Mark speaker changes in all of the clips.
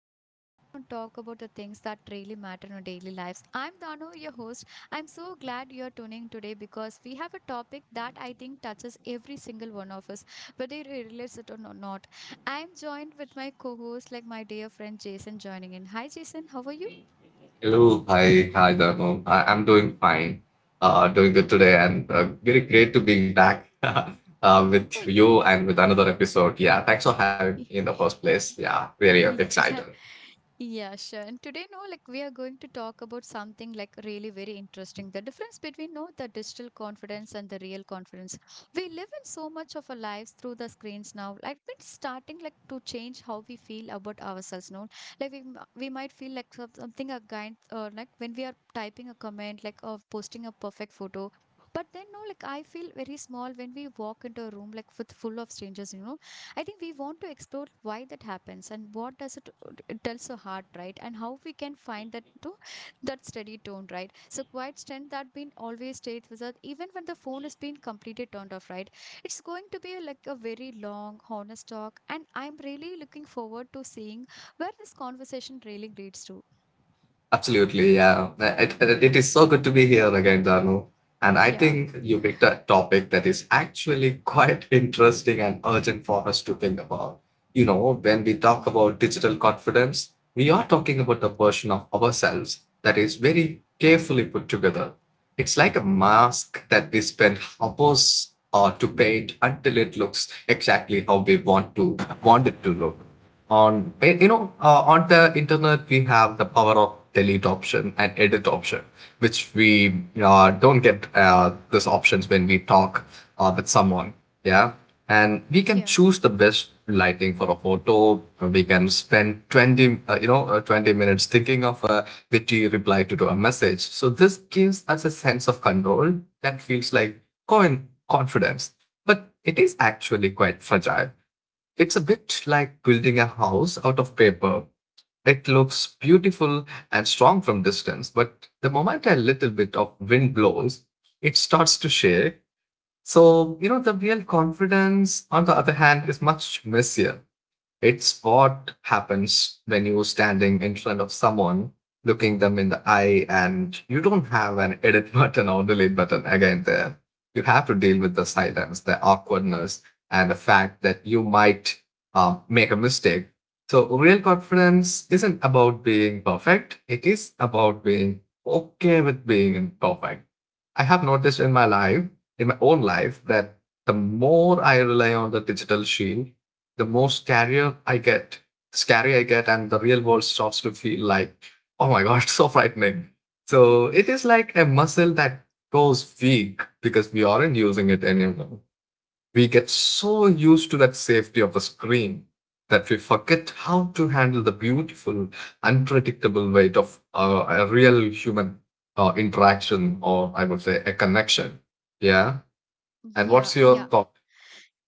Speaker 1: where we sit down and talk about the things that really matter in our daily lives. I'm Dano, your host. I'm so glad you're tuning today because we have a topic that I think touches every single one of us, whether you realize it or not. I'm joined with my co host, like my dear friend Jason, joining in. Hi, Jason. How are you?
Speaker 2: Hello, hi, Dharmo. I'm doing fine, doing good today, and very great to be back with you and with another episode. Yeah, thanks for having me in the first place. Yeah, very excited.
Speaker 1: Yeah, yeah, sure. And today, no, like we are going to talk about something like really very interesting. The difference between no, the digital confidence and the real confidence. We live in so much of our lives through the screens now. Like it's starting like to change how we feel about ourselves. No, like we might feel like something a kind or like when we are typing a comment, like of posting a perfect photo. But then no, like I feel very small when we walk into a room like with full of strangers. You know I think we want to explore why that happens and what does it tells so hard, right? And how we can find that to that steady tone, right? So quiet strength that been always stays with us, even when the phone is being completely turned off, right? It's going to be a, like a very long, honest talk, and I'm really looking forward to seeing where this conversation really leads to.
Speaker 2: Absolutely, yeah. It is so good to be here again, Danu. And I
Speaker 1: Yeah.
Speaker 2: think you picked a topic that is actually quite interesting and urgent for us to think about. You know, when we talk about digital confidence, we are talking about a version of ourselves that is very carefully put together. It's like a mask that we spend hours to paint until it looks exactly how we want to want it to look on on the internet. We have the power of delete option and edit option which we don't get these options when we talk with someone, yeah. And we can
Speaker 1: Yeah.
Speaker 2: choose the best lighting for a photo. We can spend 20 20 minutes thinking of a witty reply to a message. So this gives us a sense of control that feels like coin confidence, but it is actually quite fragile. It's a bit like building a house out of paper. It looks beautiful and strong from distance, but the moment a little bit of wind blows, it starts to shake. So, you know, the real confidence, on the other hand, is much messier. It's what happens when you're standing in front of someone, looking them in the eye, and you don't have an edit button or delete button again there. You have to deal with the silence, the awkwardness, and the fact that you might make a mistake. So, real confidence isn't about being perfect, it is about being okay with being imperfect. I have noticed in in my own life, that the more I rely on the digital shield, the more scary I get, and the real world starts to feel like, oh my god, so frightening. So it is like a muscle that goes weak because we aren't using it anymore. We get so used to that safety of a screen that we forget how to handle the beautiful, unpredictable weight of a real human interaction, or I would say a connection. Yeah. And
Speaker 1: Yeah,
Speaker 2: what's your
Speaker 1: yeah.
Speaker 2: thought?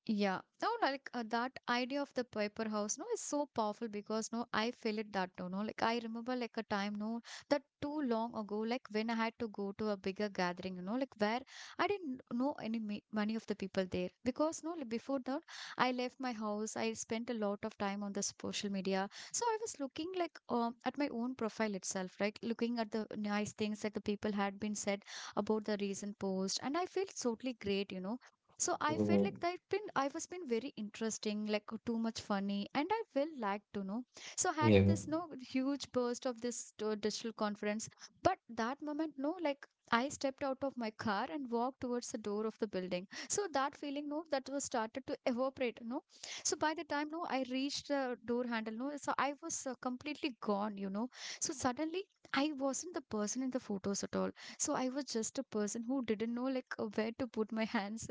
Speaker 1: Yeah. No, no, like that idea of the paper house, no, is so powerful because no, I feel it that too, no. Like I remember like a time, no, that too long ago, like when I had to go to a bigger gathering, you know, like where I didn't know any many of the people there because no, like before that, I left my house. I spent a lot of time on the social media, so I was looking like at my own profile itself, right? Looking at the nice things that the people had been said about the recent post, and I felt totally great, so I felt like
Speaker 2: Mm,
Speaker 1: I was been very interesting, like too much funny, and I will like to know. So had
Speaker 2: yeah.
Speaker 1: this no huge burst of this digital conference, but that moment no like I stepped out of my car and walked towards the door of the building. So that feeling no that was started to evaporate no. So by the time no I reached the door handle no so I was completely gone you know. So suddenly I wasn't the person in the photos at all. So I was just a person who didn't know like where to put my hands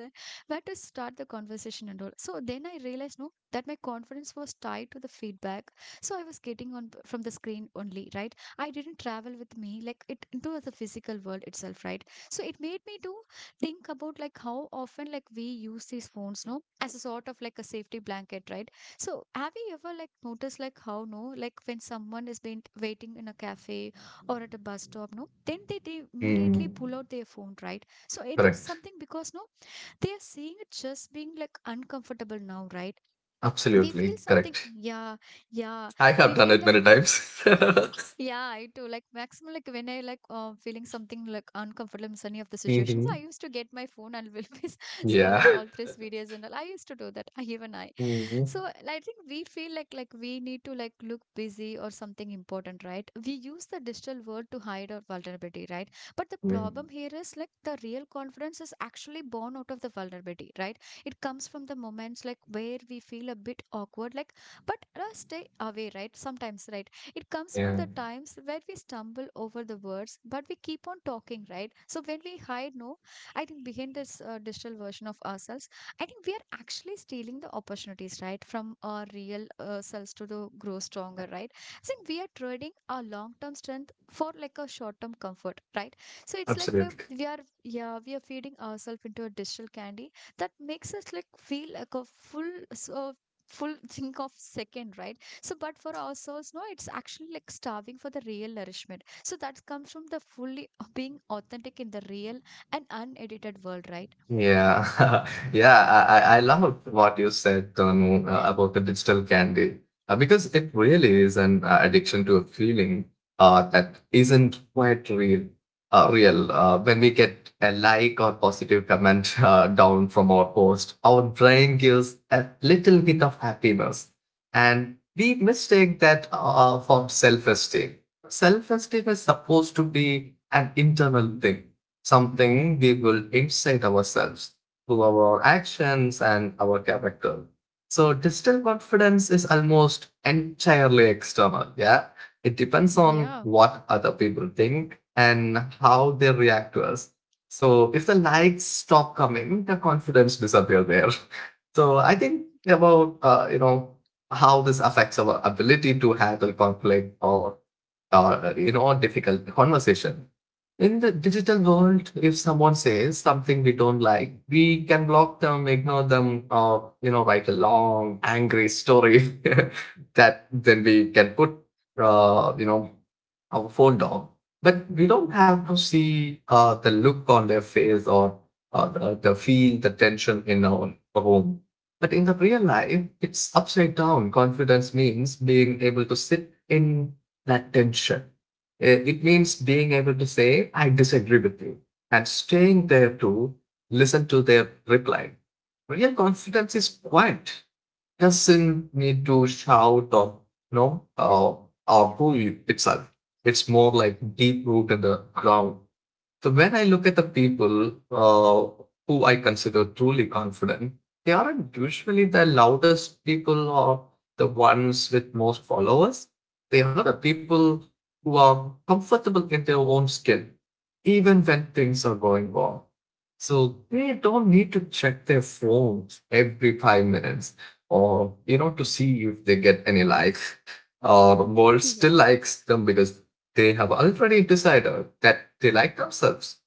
Speaker 1: where to start the conversation and all. So then I realized, no, that my confidence was tied to the feedback. So I was getting on from the screen only, right? I didn't travel with me like it into the physical world itself, right? So it made me to think about like how often like we use these phones, no, as a sort of like a safety blanket, right? So have you ever like noticed like how no, like when someone has been waiting in a cafe or at a bus stop, no, then they immediately
Speaker 2: Mm,
Speaker 1: pull out their phone, right? So it is
Speaker 2: correct.
Speaker 1: something because no, they're seeing it just being like uncomfortable now, right? We feel,
Speaker 2: Absolutely correct.
Speaker 1: yeah, yeah.
Speaker 2: I
Speaker 1: We
Speaker 2: have done
Speaker 1: feel
Speaker 2: it
Speaker 1: like,
Speaker 2: many times.
Speaker 1: yeah, I do. Like, maximum, like, when I like feeling something like uncomfortable in any of the situations, I
Speaker 2: Hmm,
Speaker 1: used to get my phone and will be
Speaker 2: yeah.
Speaker 1: scrolling all these videos and all. I used to do that. Even I.
Speaker 2: Hmm.
Speaker 1: So I think we feel like we need to like look busy or something important, right? We use the digital world to hide our vulnerability, right? But the problem here is like the real confidence is actually born out of the vulnerability, right? It comes from the moments like where we feel a bit awkward, like but stay away, right? Sometimes, right? It comes from
Speaker 2: Yeah.
Speaker 1: the times where we stumble over the words, but we keep on talking, right? So when we hide, no, I think behind this digital version of ourselves I think we are actually stealing the opportunities, right, from our real selves to the grow stronger, right? I think we are trading our long-term strength for like a short-term comfort, right? So it's like
Speaker 2: Absolutely.
Speaker 1: we are, yeah, we are feeding ourselves into a digital candy that makes us like feel like a full, so full think of second, right? So, but for our souls, no, it's actually like starving for the real nourishment. So that comes from the fully being authentic in the real and unedited world, right?
Speaker 2: Yeah, yeah, I love what you said, Tanu, about the digital candy because it really is an addiction to a feeling that isn't quite real. When we get a like or positive comment down from our post, our brain gives a little bit of happiness, and we mistake that for self-esteem. Self-esteem is supposed to be an internal thing, something we build inside ourselves through our actions and our character. So digital confidence is almost entirely external. Yeah. It depends on
Speaker 1: Yeah,
Speaker 2: what other people think and how they react to us. So if the likes stop coming, the confidence disappears there. So I think about how this affects our ability to handle conflict or difficult conversation. In the digital world, if someone says something we don't like, we can block them, ignore them, or you know, write a long angry story that then we can put, uh, you know, our phone dog, but we don't have to see the look on their face or the feel, the tension in our home. But in the real life, it's upside down. Confidence means being able to sit in that tension. It means being able to say, I disagree with you, and staying there to listen to their reply. Real confidence is quiet, doesn't need to shout or no
Speaker 1: yeah.
Speaker 2: or to you itself. It's more like deep root in the ground. So when I look at the people who I consider truly confident, they aren't usually the loudest people or the ones with most followers. They are the people who are comfortable in their own skin, even when things are going wrong. So they don't need to check their phones every 5 minutes or, you know, to see if they get any likes or the world still
Speaker 1: Yeah.
Speaker 2: likes them, because they have already decided that they like themselves.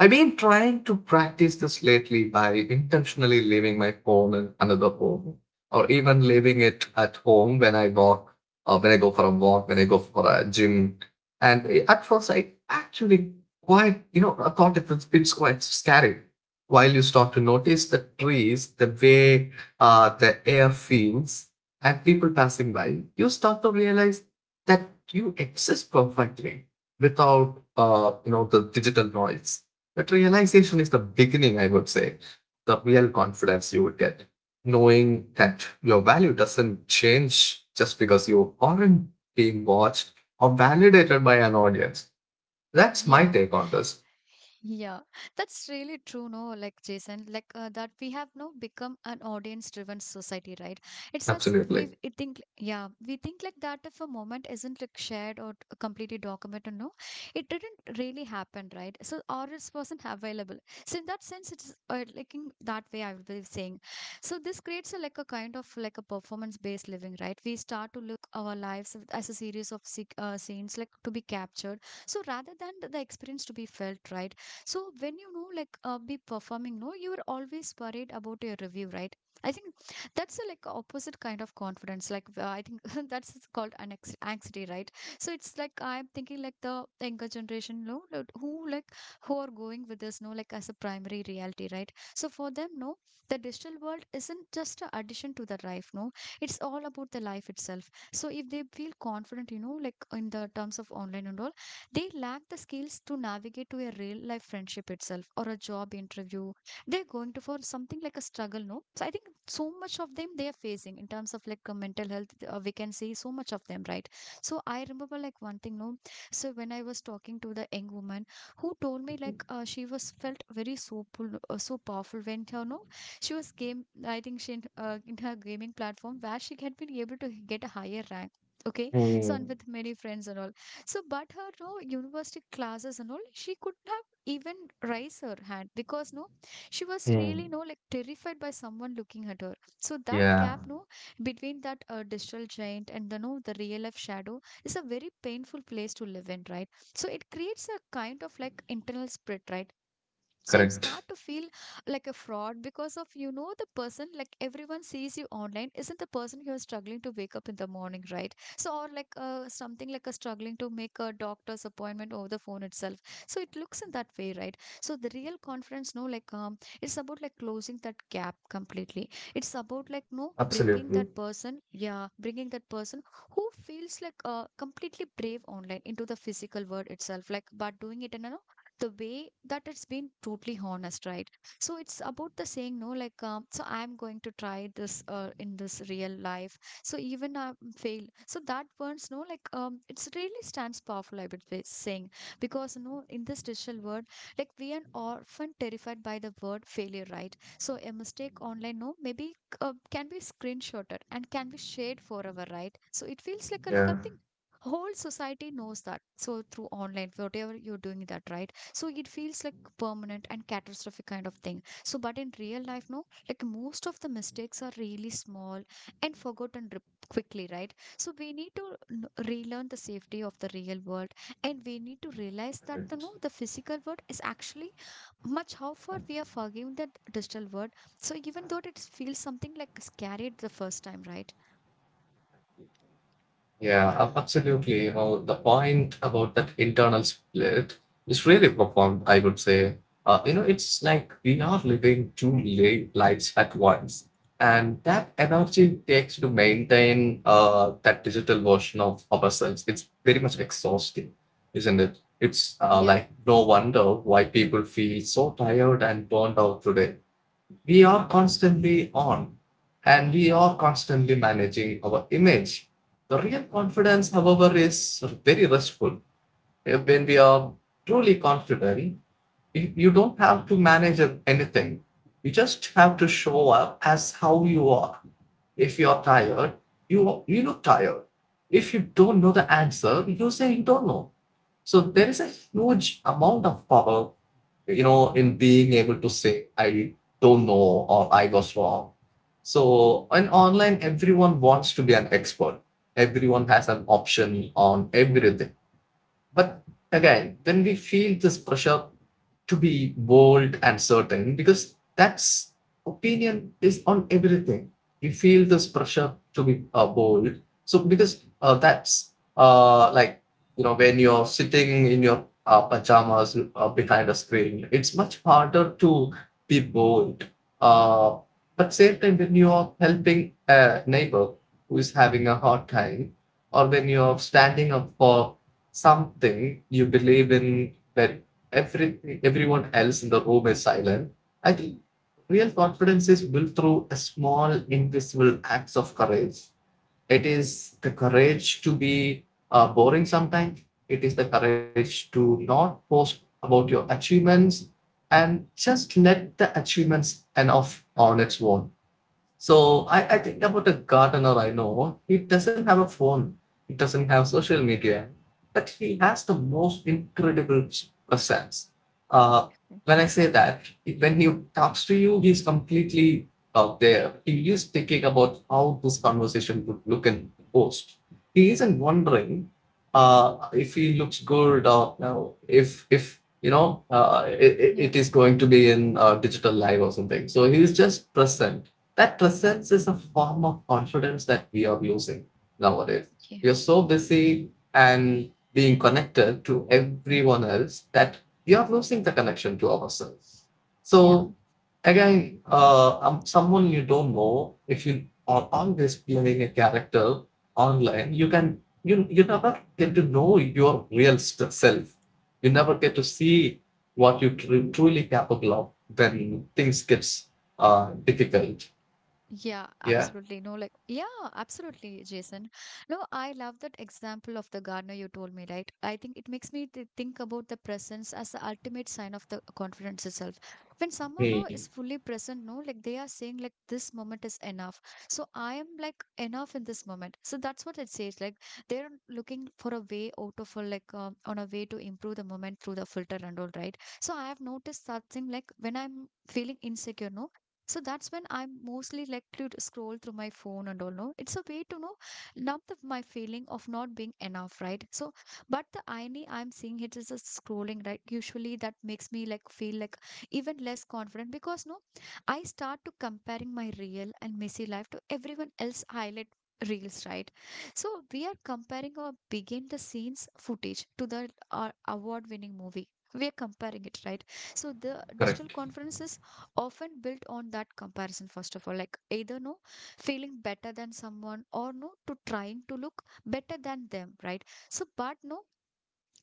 Speaker 2: I've been trying to practice this lately by intentionally leaving my phone in another room, or even leaving it at home when I walk, or when I go for a walk, when I go for a gym. And at first, I actually quite, you know, I thought it was it's quite scary. While you start to notice the trees, the way the air feels, and people passing by, you start to realize that you exist perfectly without, the digital noise. That realization is the beginning, I would say, the real confidence you would get. Knowing that your value doesn't change just because you aren't being watched or validated by an audience. That's my
Speaker 1: Yeah.
Speaker 2: take on this.
Speaker 1: Yeah, that's really true, no? Like Jason, like that we have now become an audience-driven society, right? It's as if we
Speaker 2: Absolutely.
Speaker 1: we think, yeah, we think like that if a moment isn't like shared or completely documented, no, it didn't really happen, right? So, or it wasn't available. So, in that sense, it's like in that way I will be saying. So, this creates a, like a kind of like a performance-based living, right? We start to look our lives as a series of scenes like to be captured. So rather than the experience to be felt, right? So when you know like be performing, no, you are always worried about your review, right? I think that's a, like opposite kind of confidence. Like I think that's called an anxiety, right? So it's like I'm thinking like the younger generation, no, like, who are going with this, no, like as a primary reality, right? So for them, no, the digital world isn't just a addition to the life, no, it's all about the life itself. So if they feel confident, you know, like in the terms of online and all, they lack the skills to navigate to a real life friendship itself or a job interview they're going to for something like a struggle no so I think so much of them they are facing in terms of like mental health we can see so much of them right so I remember like one thing no so when I was talking to the young woman who told me like she was felt very so so powerful when her no she was game I think she in her gaming platform where she had been able to get a higher rank okay so and with
Speaker 2: Mm,
Speaker 1: many friends and all so, but her no university classes and all, she could have even raise her hand because no, she was really no like
Speaker 2: mm.
Speaker 1: terrified by someone looking at her. So that gap no
Speaker 2: Yeah,
Speaker 1: between that digital giant and the no the real life shadow is a very painful place to live in, right? So it creates a kind of like internal split, right? So you start to feel
Speaker 2: correct.
Speaker 1: like a fraud because of you know the person like everyone sees you online isn't the person who is struggling to wake up in the morning right so or like something like a struggling to make a doctor's appointment over the phone itself so it looks in that way right so the real conference no like it's about like closing that gap completely it's about like no bringing that
Speaker 2: Absolutely.
Speaker 1: person yeah bringing that person who feels like completely brave online into the physical world itself like but doing it in an the way that it's been totally honest, right? So it's about the saying, no, like, so I'm going to try this in this real life. So even I fail. So that burns, no, like, it's really stands powerful, I would say, saying, because, no, in this digital world, like, we are often terrified by the word failure, right? So a mistake online, no, maybe can be screenshotted and can be shared forever, right? So it feels like a like something
Speaker 2: Yeah.
Speaker 1: whole society knows that. So through online, whatever you're doing that, right? So it feels like permanent and catastrophic kind of thing so but in real life no like most of the mistakes are really small and forgotten quickly right so we need to relearn the safety of the real world and we need to realize that the no the
Speaker 2: Correct.
Speaker 1: physical world is actually much how far we are forgiving the digital world so even though it feels something like scary at the first time right.
Speaker 2: Yeah, absolutely. How the point about that internal split is really profound, I would say. You know, it's like we are living lives at once. And that energy it takes to maintain that digital version of ourselves, it's very much exhausting, isn't it? It's
Speaker 1: Yeah,
Speaker 2: like no wonder why people feel so tired and burned out today. We are constantly on, and we are constantly managing our image. The real confidence, however, is very restful. When we are truly confident, you don't have to manage anything. You just have to show up as how you are. If you are tired, you look tired. If you don't know the answer, you say you don't know. So there is a huge amount of power, you know, in being able to say, I don't know or I was wrong. So in online, everyone wants to be an expert. Everyone has an option on everything. But again, when we feel this pressure to be bold and certain because that's opinion is on everything. We feel this pressure to be bold. So because that's like, you know, when you're sitting in your pajamas behind a screen, it's much harder to be bold. Uh, but same time when you are helping a neighbor who is having a hard time, or when you are standing up for something you believe in that everything everyone else in the room is silent. I think real confidence is built through a small invisible acts of courage. It is the courage to be boring sometimes. It is the courage to not post about your achievements and just let the achievements enough on its own. So I think about a gardener I know. He doesn't have a phone. He doesn't have social media, but he has the most incredible presence. Uh, when I say that, When he talks to you, he's completely out there. He is thinking about how this conversation would look in post. He isn't wondering if he looks good or you know, if you know it,
Speaker 1: yeah,
Speaker 2: it is going to be in digital live or something. So he is just present, that presence is a form of confidence that we are using nowadays.
Speaker 1: yeah,
Speaker 2: We are so busy and being connected to everyone else that we are losing the connection to ourselves. So
Speaker 1: yeah.
Speaker 2: again, someone you don't know, if you are always playing a character online, you can you you never get to know your self. You never get to see what you truly capable of. Then things gets difficult.
Speaker 1: Yeah,
Speaker 2: Yeah.
Speaker 1: absolutely. No, like, yeah, absolutely, Jason. No, I love that example of the gardener you told me, right? I think it makes me think about the presence as the ultimate sign of the confidence itself. When someone no,
Speaker 2: Sí.
Speaker 1: is fully present, no, like they are saying, like, this moment is enough. So I am like enough in this moment. So that's what it says. Like, they're looking for a way out of a like, on a way to improve the moment through the filter and all, right? So I have noticed that thing, like, when I'm feeling insecure, no, so that's when I'm mostly like to scroll through my phone and all. No, it's a way to know numb the, my feeling of not being enough, right? So, but the irony I'm seeing it is a scrolling, right? Usually that makes me like feel like even less confident because no, I start to comparing my real and messy life to everyone else highlight reels, right? So we are comparing our begin the scenes footage to the our award-winning movie. We are comparing it, right? So the
Speaker 2: Correcto.
Speaker 1: digital conferences often built on that comparison first of all like either no, feeling better than someone or no to trying to look better than them, right? So but no,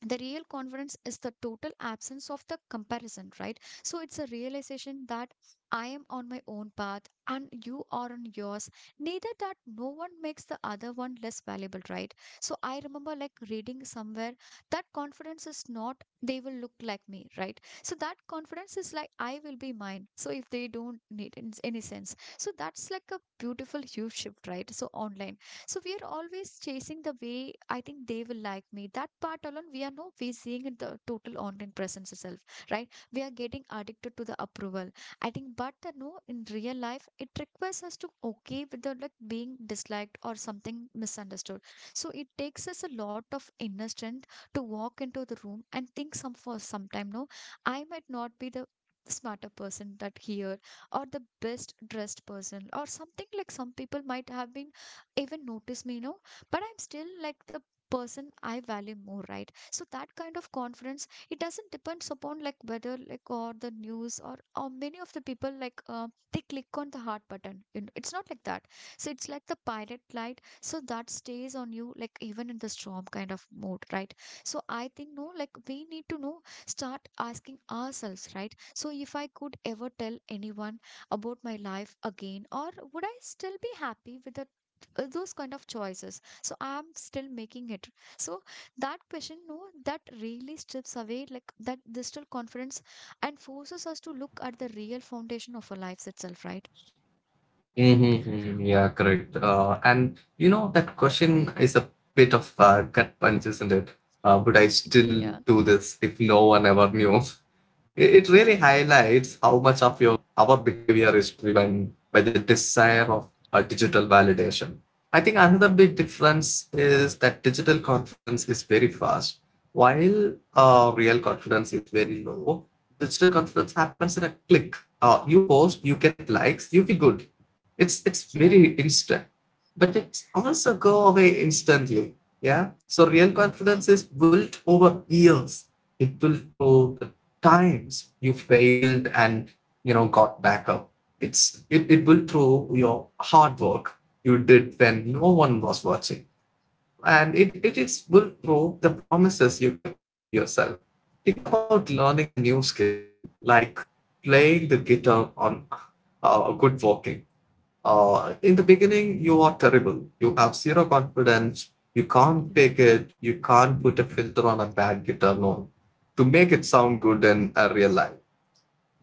Speaker 1: the real confidence is the total absence of the comparison, right? So it's a realization that I am on my own path and you are on yours, neither that no one makes the other one less valuable, right? So I remember like reading somewhere that confidence is not they will look like me, right? So that confidence is like I will be mine, so if they don't need in any sense, so that's like a beautiful huge shift, right? So online, so we are always chasing the way I think they will like me. That part alone, we are no. We seeing in the total online presence itself, right? We are getting addicted to the approval. I think, but the no, in real life, it requires us to okay with the like being disliked or something misunderstood. So it takes us a lot of inner strength to walk into the room and think some for some time. No, I might not be the smarter person that here or the best dressed person or something like some people might have been even notice me, you know, but I'm still like the person I value more, right? So that kind of confidence, it doesn't depends upon like whether like or the news or many of the people like they click on the heart button. You know, it's not like that. So it's like the pirate light. So that stays on you like even in the storm kind of mode, right? So I think no, like we need to know start asking ourselves, right? So if I could ever tell anyone about my life again or would I still be happy with the those kind of choices, so I'm still making it, so that question no, that really strips away like that digital confidence and forces us to look at the real foundation of our lives itself, right?
Speaker 2: Mm-hmm. Mm-hmm. Yeah, correct. And you know, that question is a bit of a gut punch, isn't it? Would I still
Speaker 1: Yeah,
Speaker 2: do this if no one ever knew? It really highlights how much of your our behavior is driven by the desire of digital validation. I think another big difference is that digital confidence is very fast, while real confidence is very low. Digital confidence happens in a click. You post, you get likes, you feel good, it's
Speaker 1: yeah,
Speaker 2: very instant, but it's also go away instantly. Yeah. So real confidence is built over years. It built through the times you failed and you know got back up. It built through your hard work you did when no one was watching. And it is built through the promises you kept to yourself. Think about learning a new skill like playing the guitar on good walking in the beginning you are terrible, you have zero confidence, you can't take it, you can't put a filter on a bad guitar note to make it sound good in a real life,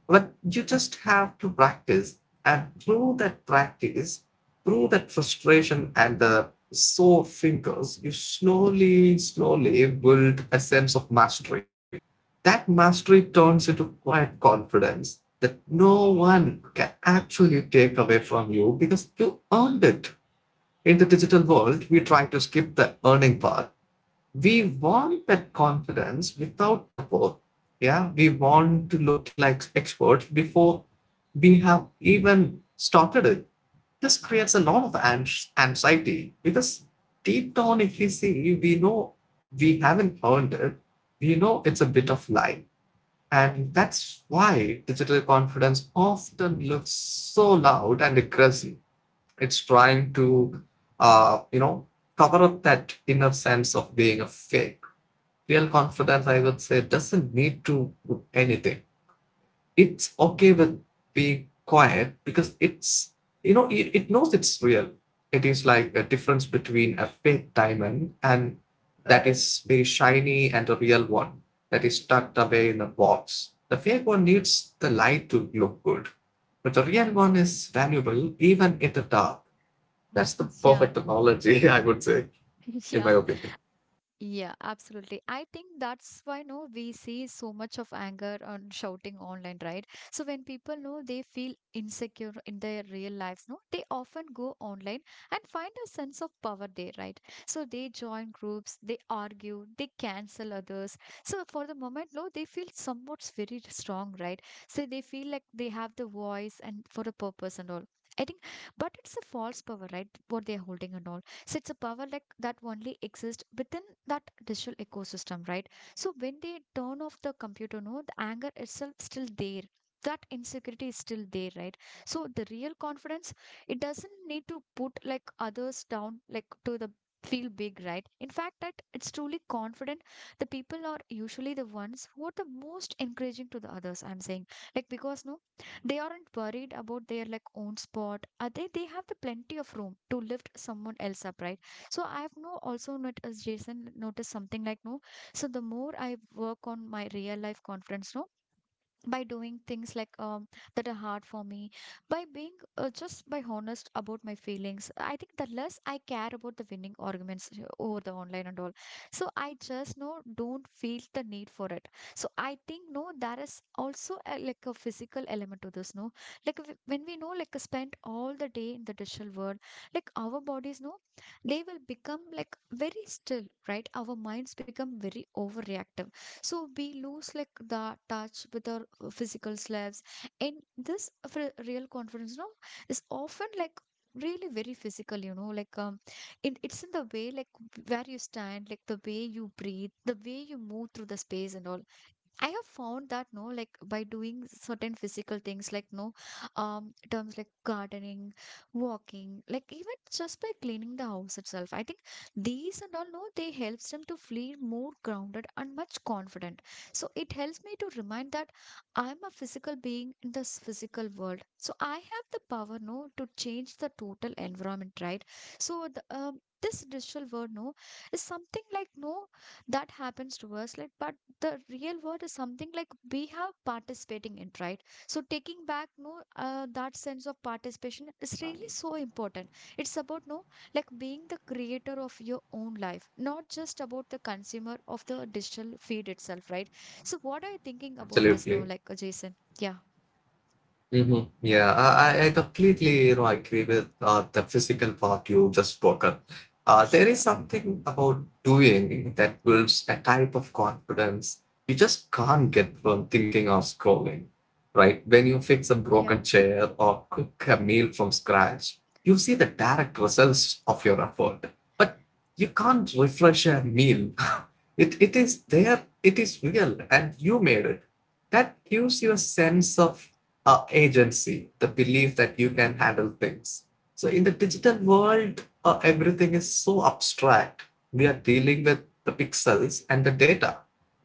Speaker 2: but you just have to practice. And through that practice, through that frustration and the sore fingers, you slowly slowly build a sense of mastery. That mastery turns into quiet confidence that no one can actually take away from you because you earned it. In the digital world, we try to skip the earning part. We want that confidence without the work. Yeah, we want to look like experts before we have even started it. This creates a lot of anxiety because deep down, if we see, we know we haven't earned it. We know it's a bit of lie, and that's why digital confidence often looks so loud and aggressive. It's trying to, uh, you know, cover up that inner sense of being a fake. Real confidence, I would say, doesn't need to do anything. It's okay with being quiet because it knows it's real. It is like a difference between a fake diamond and that is very shiny and a real one that is tucked away in a box. The fake one needs the light to look good, but the real one is valuable even in the dark. That's the
Speaker 1: yeah,
Speaker 2: perfect analogy, I would say, in my
Speaker 1: yeah.
Speaker 2: opinion.
Speaker 1: Yeah, absolutely. I think that's why no we see so much of anger and shouting online, right? So when people know they feel insecure in their real lives, no, they often go online and find a sense of power there, right? So they join groups, they argue, they cancel others. So for the moment, no, they feel somewhat very strong, right? So they feel like they have the voice and for a purpose and all. I think, but it's a false power, right? What they're holding and all, so it's a power like that only exists within that digital ecosystem, right? So when they turn off the computer, no, the anger itself still there. That insecurity is still there, right? So the real confidence, it doesn't need to put like others down, like to the feel big, right? In fact, that it's truly confident. The people are usually the ones who are the most encouraging to the others. I'm saying, like because no, they aren't worried about their like own spot are they have the plenty of room to lift someone else up, right? So I've no also not as Jason noticed something like no, so the more I work on my real life conference no, by doing things like that are hard for me, by being just by honest about my feelings, I think the less I care about the winning arguments over the online and all. So I just no don't feel the need for it. So I think no there is also a, like a physical element to this no, like when we know like spend all the day in the digital world, like our bodies no, they will become like very still, right? Our minds become very overreactive, so we lose like the touch with our physical selves. And this real confidence no, is often like really very physical, you know, like in, it's in the way like where you stand, like the way you breathe, the way you move through the space and all. I have found that no, like by doing certain physical things, like no, terms like gardening, walking, like even just by cleaning the house itself. I think these and all no, they helps them to feel more grounded and much confident. So it helps me to remind that I'm a physical being in this physical world. So I have the power no to change the total environment, right? So the, this digital world no is something like no that happens to us like but the real world is something like we have participating in, right? So taking back no, that sense of participation is really so important. It's about no, like being the creator of your own life, not just about the consumer of the digital feed itself, right? So what are you thinking about this no,
Speaker 2: Absolutely.
Speaker 1: like Jason? Yeah,
Speaker 2: Hmm. Yeah, I completely agree with the physical part you just spoke up. There is
Speaker 1: yeah,
Speaker 2: something about doing that builds a type of confidence you just can't get from thinking or scrolling, right? When you fix a
Speaker 1: yeah,
Speaker 2: broken chair or cook a meal from scratch, you see the direct results of your effort. But you can't refresh a meal. It is there. It is real, and you made it. That gives you a sense of agency, the belief that you can handle things. So in the digital world, everything is so abstract. We are dealing with the pixels and the data.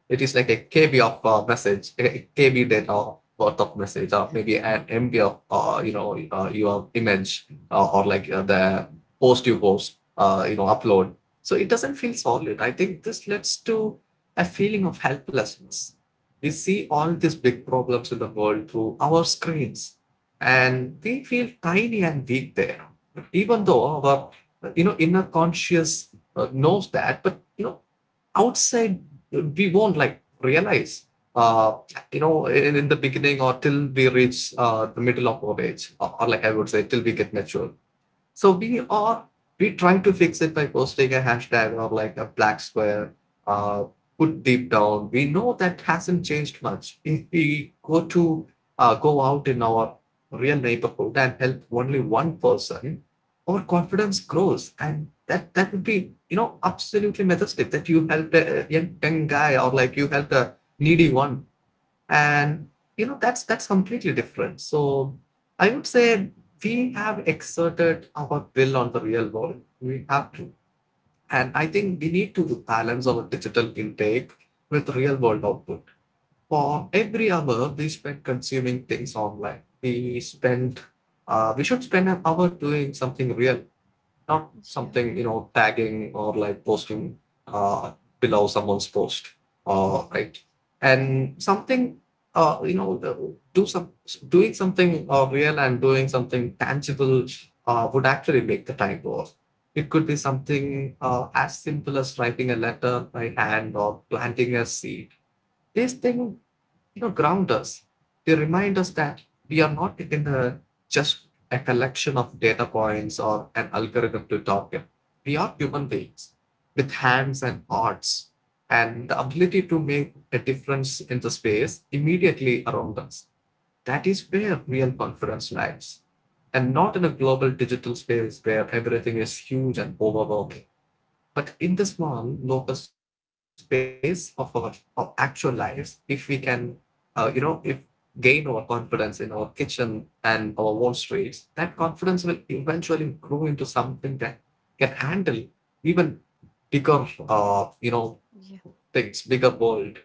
Speaker 2: It is like a KB of message, a KB data worth of message, or maybe an MB of your image or like the post you post, upload. So it doesn't feel solid. I think this leads to a feeling of helplessness. We see all these big problems in the world through our screens, and we feel tiny and weak there, even though our inner conscious knows that. But outside, we won't like realize, uh, in the beginning, or till we reach the middle of our age, or like I would say till we get mature. So we trying to fix it by posting a hashtag or like a black square, uh, put deep down. We know that hasn't changed much. If we go to go out in our real neighborhood and help only one person, our confidence grows, and that would be absolutely majestic that you helped a young guy, or like you helped a needy one. And that's completely different. So I would say we have exerted our will on the real world. We have to, and I think we need to balance our digital intake with real world output. For every hour we spend consuming things online, we spend, we should spend an hour doing something real, not something tagging or like posting uh, below someone's post, right. And something, uh, you know the- do some, doing something real, and doing something tangible would actually make the time worth. It could be something as simple as writing a letter by hand or planting a seed. These things, ground us. They remind us that we are not in a, just a collection of data points or an algorithm to talk in. We are human beings with hands and hearts and the ability to make a difference in the space immediately around us. That is where real confidence lies, and not in a global digital space where everything is huge and overwhelming. But in the small local space of our of actual lives, if we can, if gain our confidence in our kitchen and our wall streets, that confidence will eventually grow into something that can handle even bigger,
Speaker 1: yeah,
Speaker 2: things, bigger world.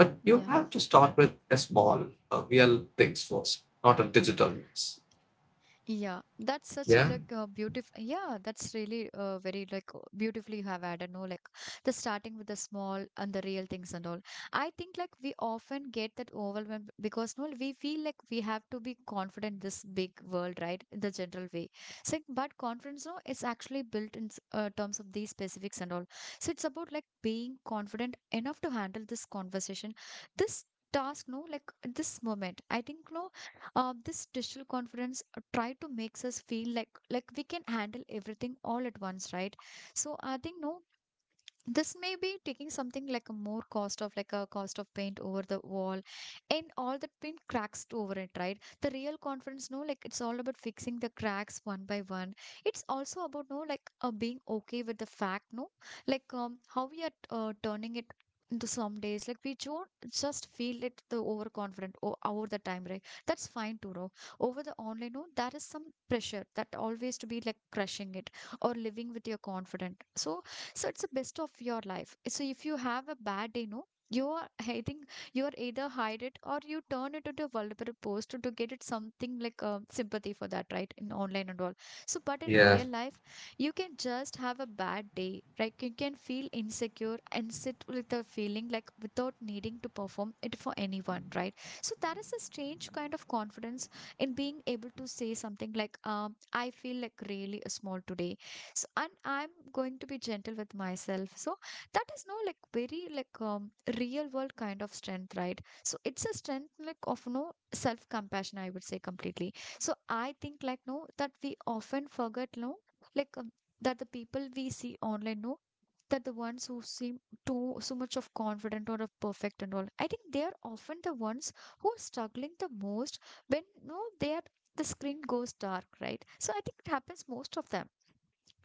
Speaker 2: But you
Speaker 1: yeah.
Speaker 2: have to start with a small, real things first, not a digital ones.
Speaker 1: Yeah, that's such a
Speaker 2: Yeah.
Speaker 1: like beautiful. Yeah, that's really very like beautifully you have added. No, like the starting with the small and the real things and all. I think like we often get that overwhelmed because no, we feel like we have to be confident in this big world, right? In the general way. So, but confidence no, is actually built in terms of these specifics and all. So it's about like being confident enough to handle this conversation, this task. No, like this moment. I think no, this digital confidence try to makes us feel like we can handle everything all at once, right? So I think no this may be taking something like a more cost of like a cost of paint over the wall and all the paint cracks to over it, right? The real conference no, like it's all about fixing the cracks one by one. It's also about no like being okay with the fact no, like how we are turning it into some days like we don't just feel it the overconfident or over the time, right? That's fine too, no. Over the online no there is some pressure that always to be like crushing it or living with your confident. So so it's the best of your life. So if you have a bad day, no, you are I think you are either hide it or you turn it into a vulnerable post to get it something like sympathy for that, right? In online and all. So but in real
Speaker 2: Yeah.
Speaker 1: life, you can just have a bad day, right? You can feel insecure and sit with the feeling like without needing to perform it for anyone, right? So that is a strange kind of confidence in being able to say something like, I feel like really small today, so and I'm going to be gentle with myself. So that is no like very like real world kind of strength, right? So it's a strength like of no self compassion, I would say completely. So I think like no that we often forget no, like that the people we see online no, that the ones who seem too so much of confident or of perfect and all, I think they are often the ones who are struggling the most when no they are the screen goes dark, right? So I think it happens most of them,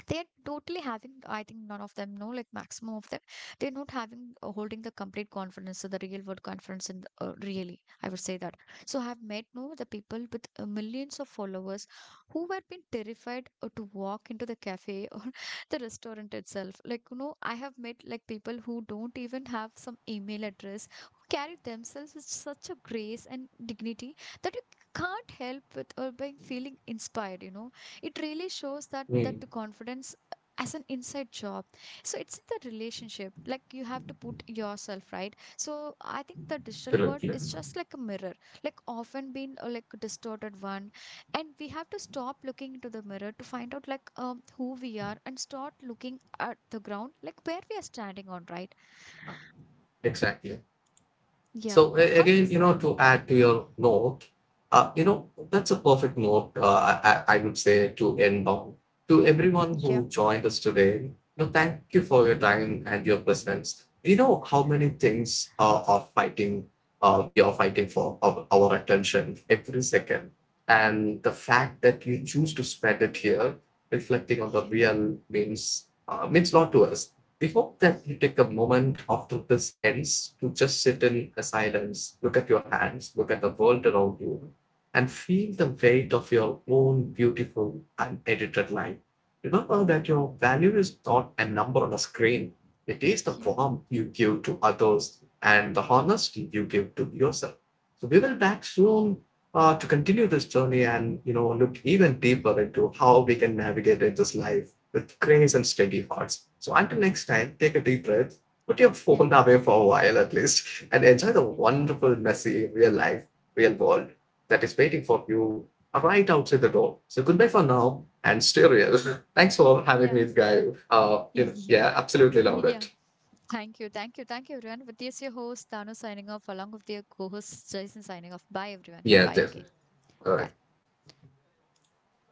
Speaker 1: they're totally having I think none of them know like maximum of them, they're not having holding the complete conference, so the real world conference in really I would say that. So I've met no the people with millions of followers who were been terrified to walk into the cafe or the restaurant itself, like, you know, I have met like people who don't even have some email address who carry themselves with such a grace and dignity that you can't help with or by feeling inspired, you know. It really shows that that
Speaker 2: Mm.
Speaker 1: confidence as an inside job, so it's in the relationship like you have to put yourself, right? So I think the digital world
Speaker 2: Correct, yeah.
Speaker 1: is just like a mirror, like often been like a distorted one, and we have to stop looking into the mirror to find out like who we are and start looking at the ground like where we are standing on, right?
Speaker 2: Exactly.
Speaker 1: Yeah,
Speaker 2: So
Speaker 1: how do you
Speaker 2: again, to add to your note, that's a perfect note, I would say, to end on. To everyone
Speaker 1: yeah,
Speaker 2: who joined us today, thank you for your time and your presence. You know how many things we are fighting for our attention every second. And the fact that you choose to spend it here, reflecting on the real, means means a lot to us. Before that, you take a moment after this ends to just sit in a silence, look at your hands, look at the world around you, and feel the weight of your own beautiful unedited life. Remember that your value is not a number on a screen. It is the warmth you give to others and the honesty you give to yourself. So we will back soon to continue this journey and look even deeper into how we can navigate in this life with cranes and steady hearts. So until next time, take a deep breath, put your
Speaker 1: yeah,
Speaker 2: phone away for a while at least, and enjoy the wonderful, messy, real life, real world that is waiting for you right outside the door. So goodbye for now and stay real. Thanks for having
Speaker 1: yeah,
Speaker 2: me, guy.
Speaker 1: yeah,
Speaker 2: Yeah, absolutely loved
Speaker 1: yeah.
Speaker 2: it.
Speaker 1: Thank you. Thank you. Thank you, everyone. With this, your host, Tanu, signing off, along with their co host, Jason, signing off. Bye, everyone.
Speaker 2: Yeah,
Speaker 1: Bye again.
Speaker 2: definitely. All
Speaker 1: Bye.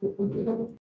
Speaker 2: right.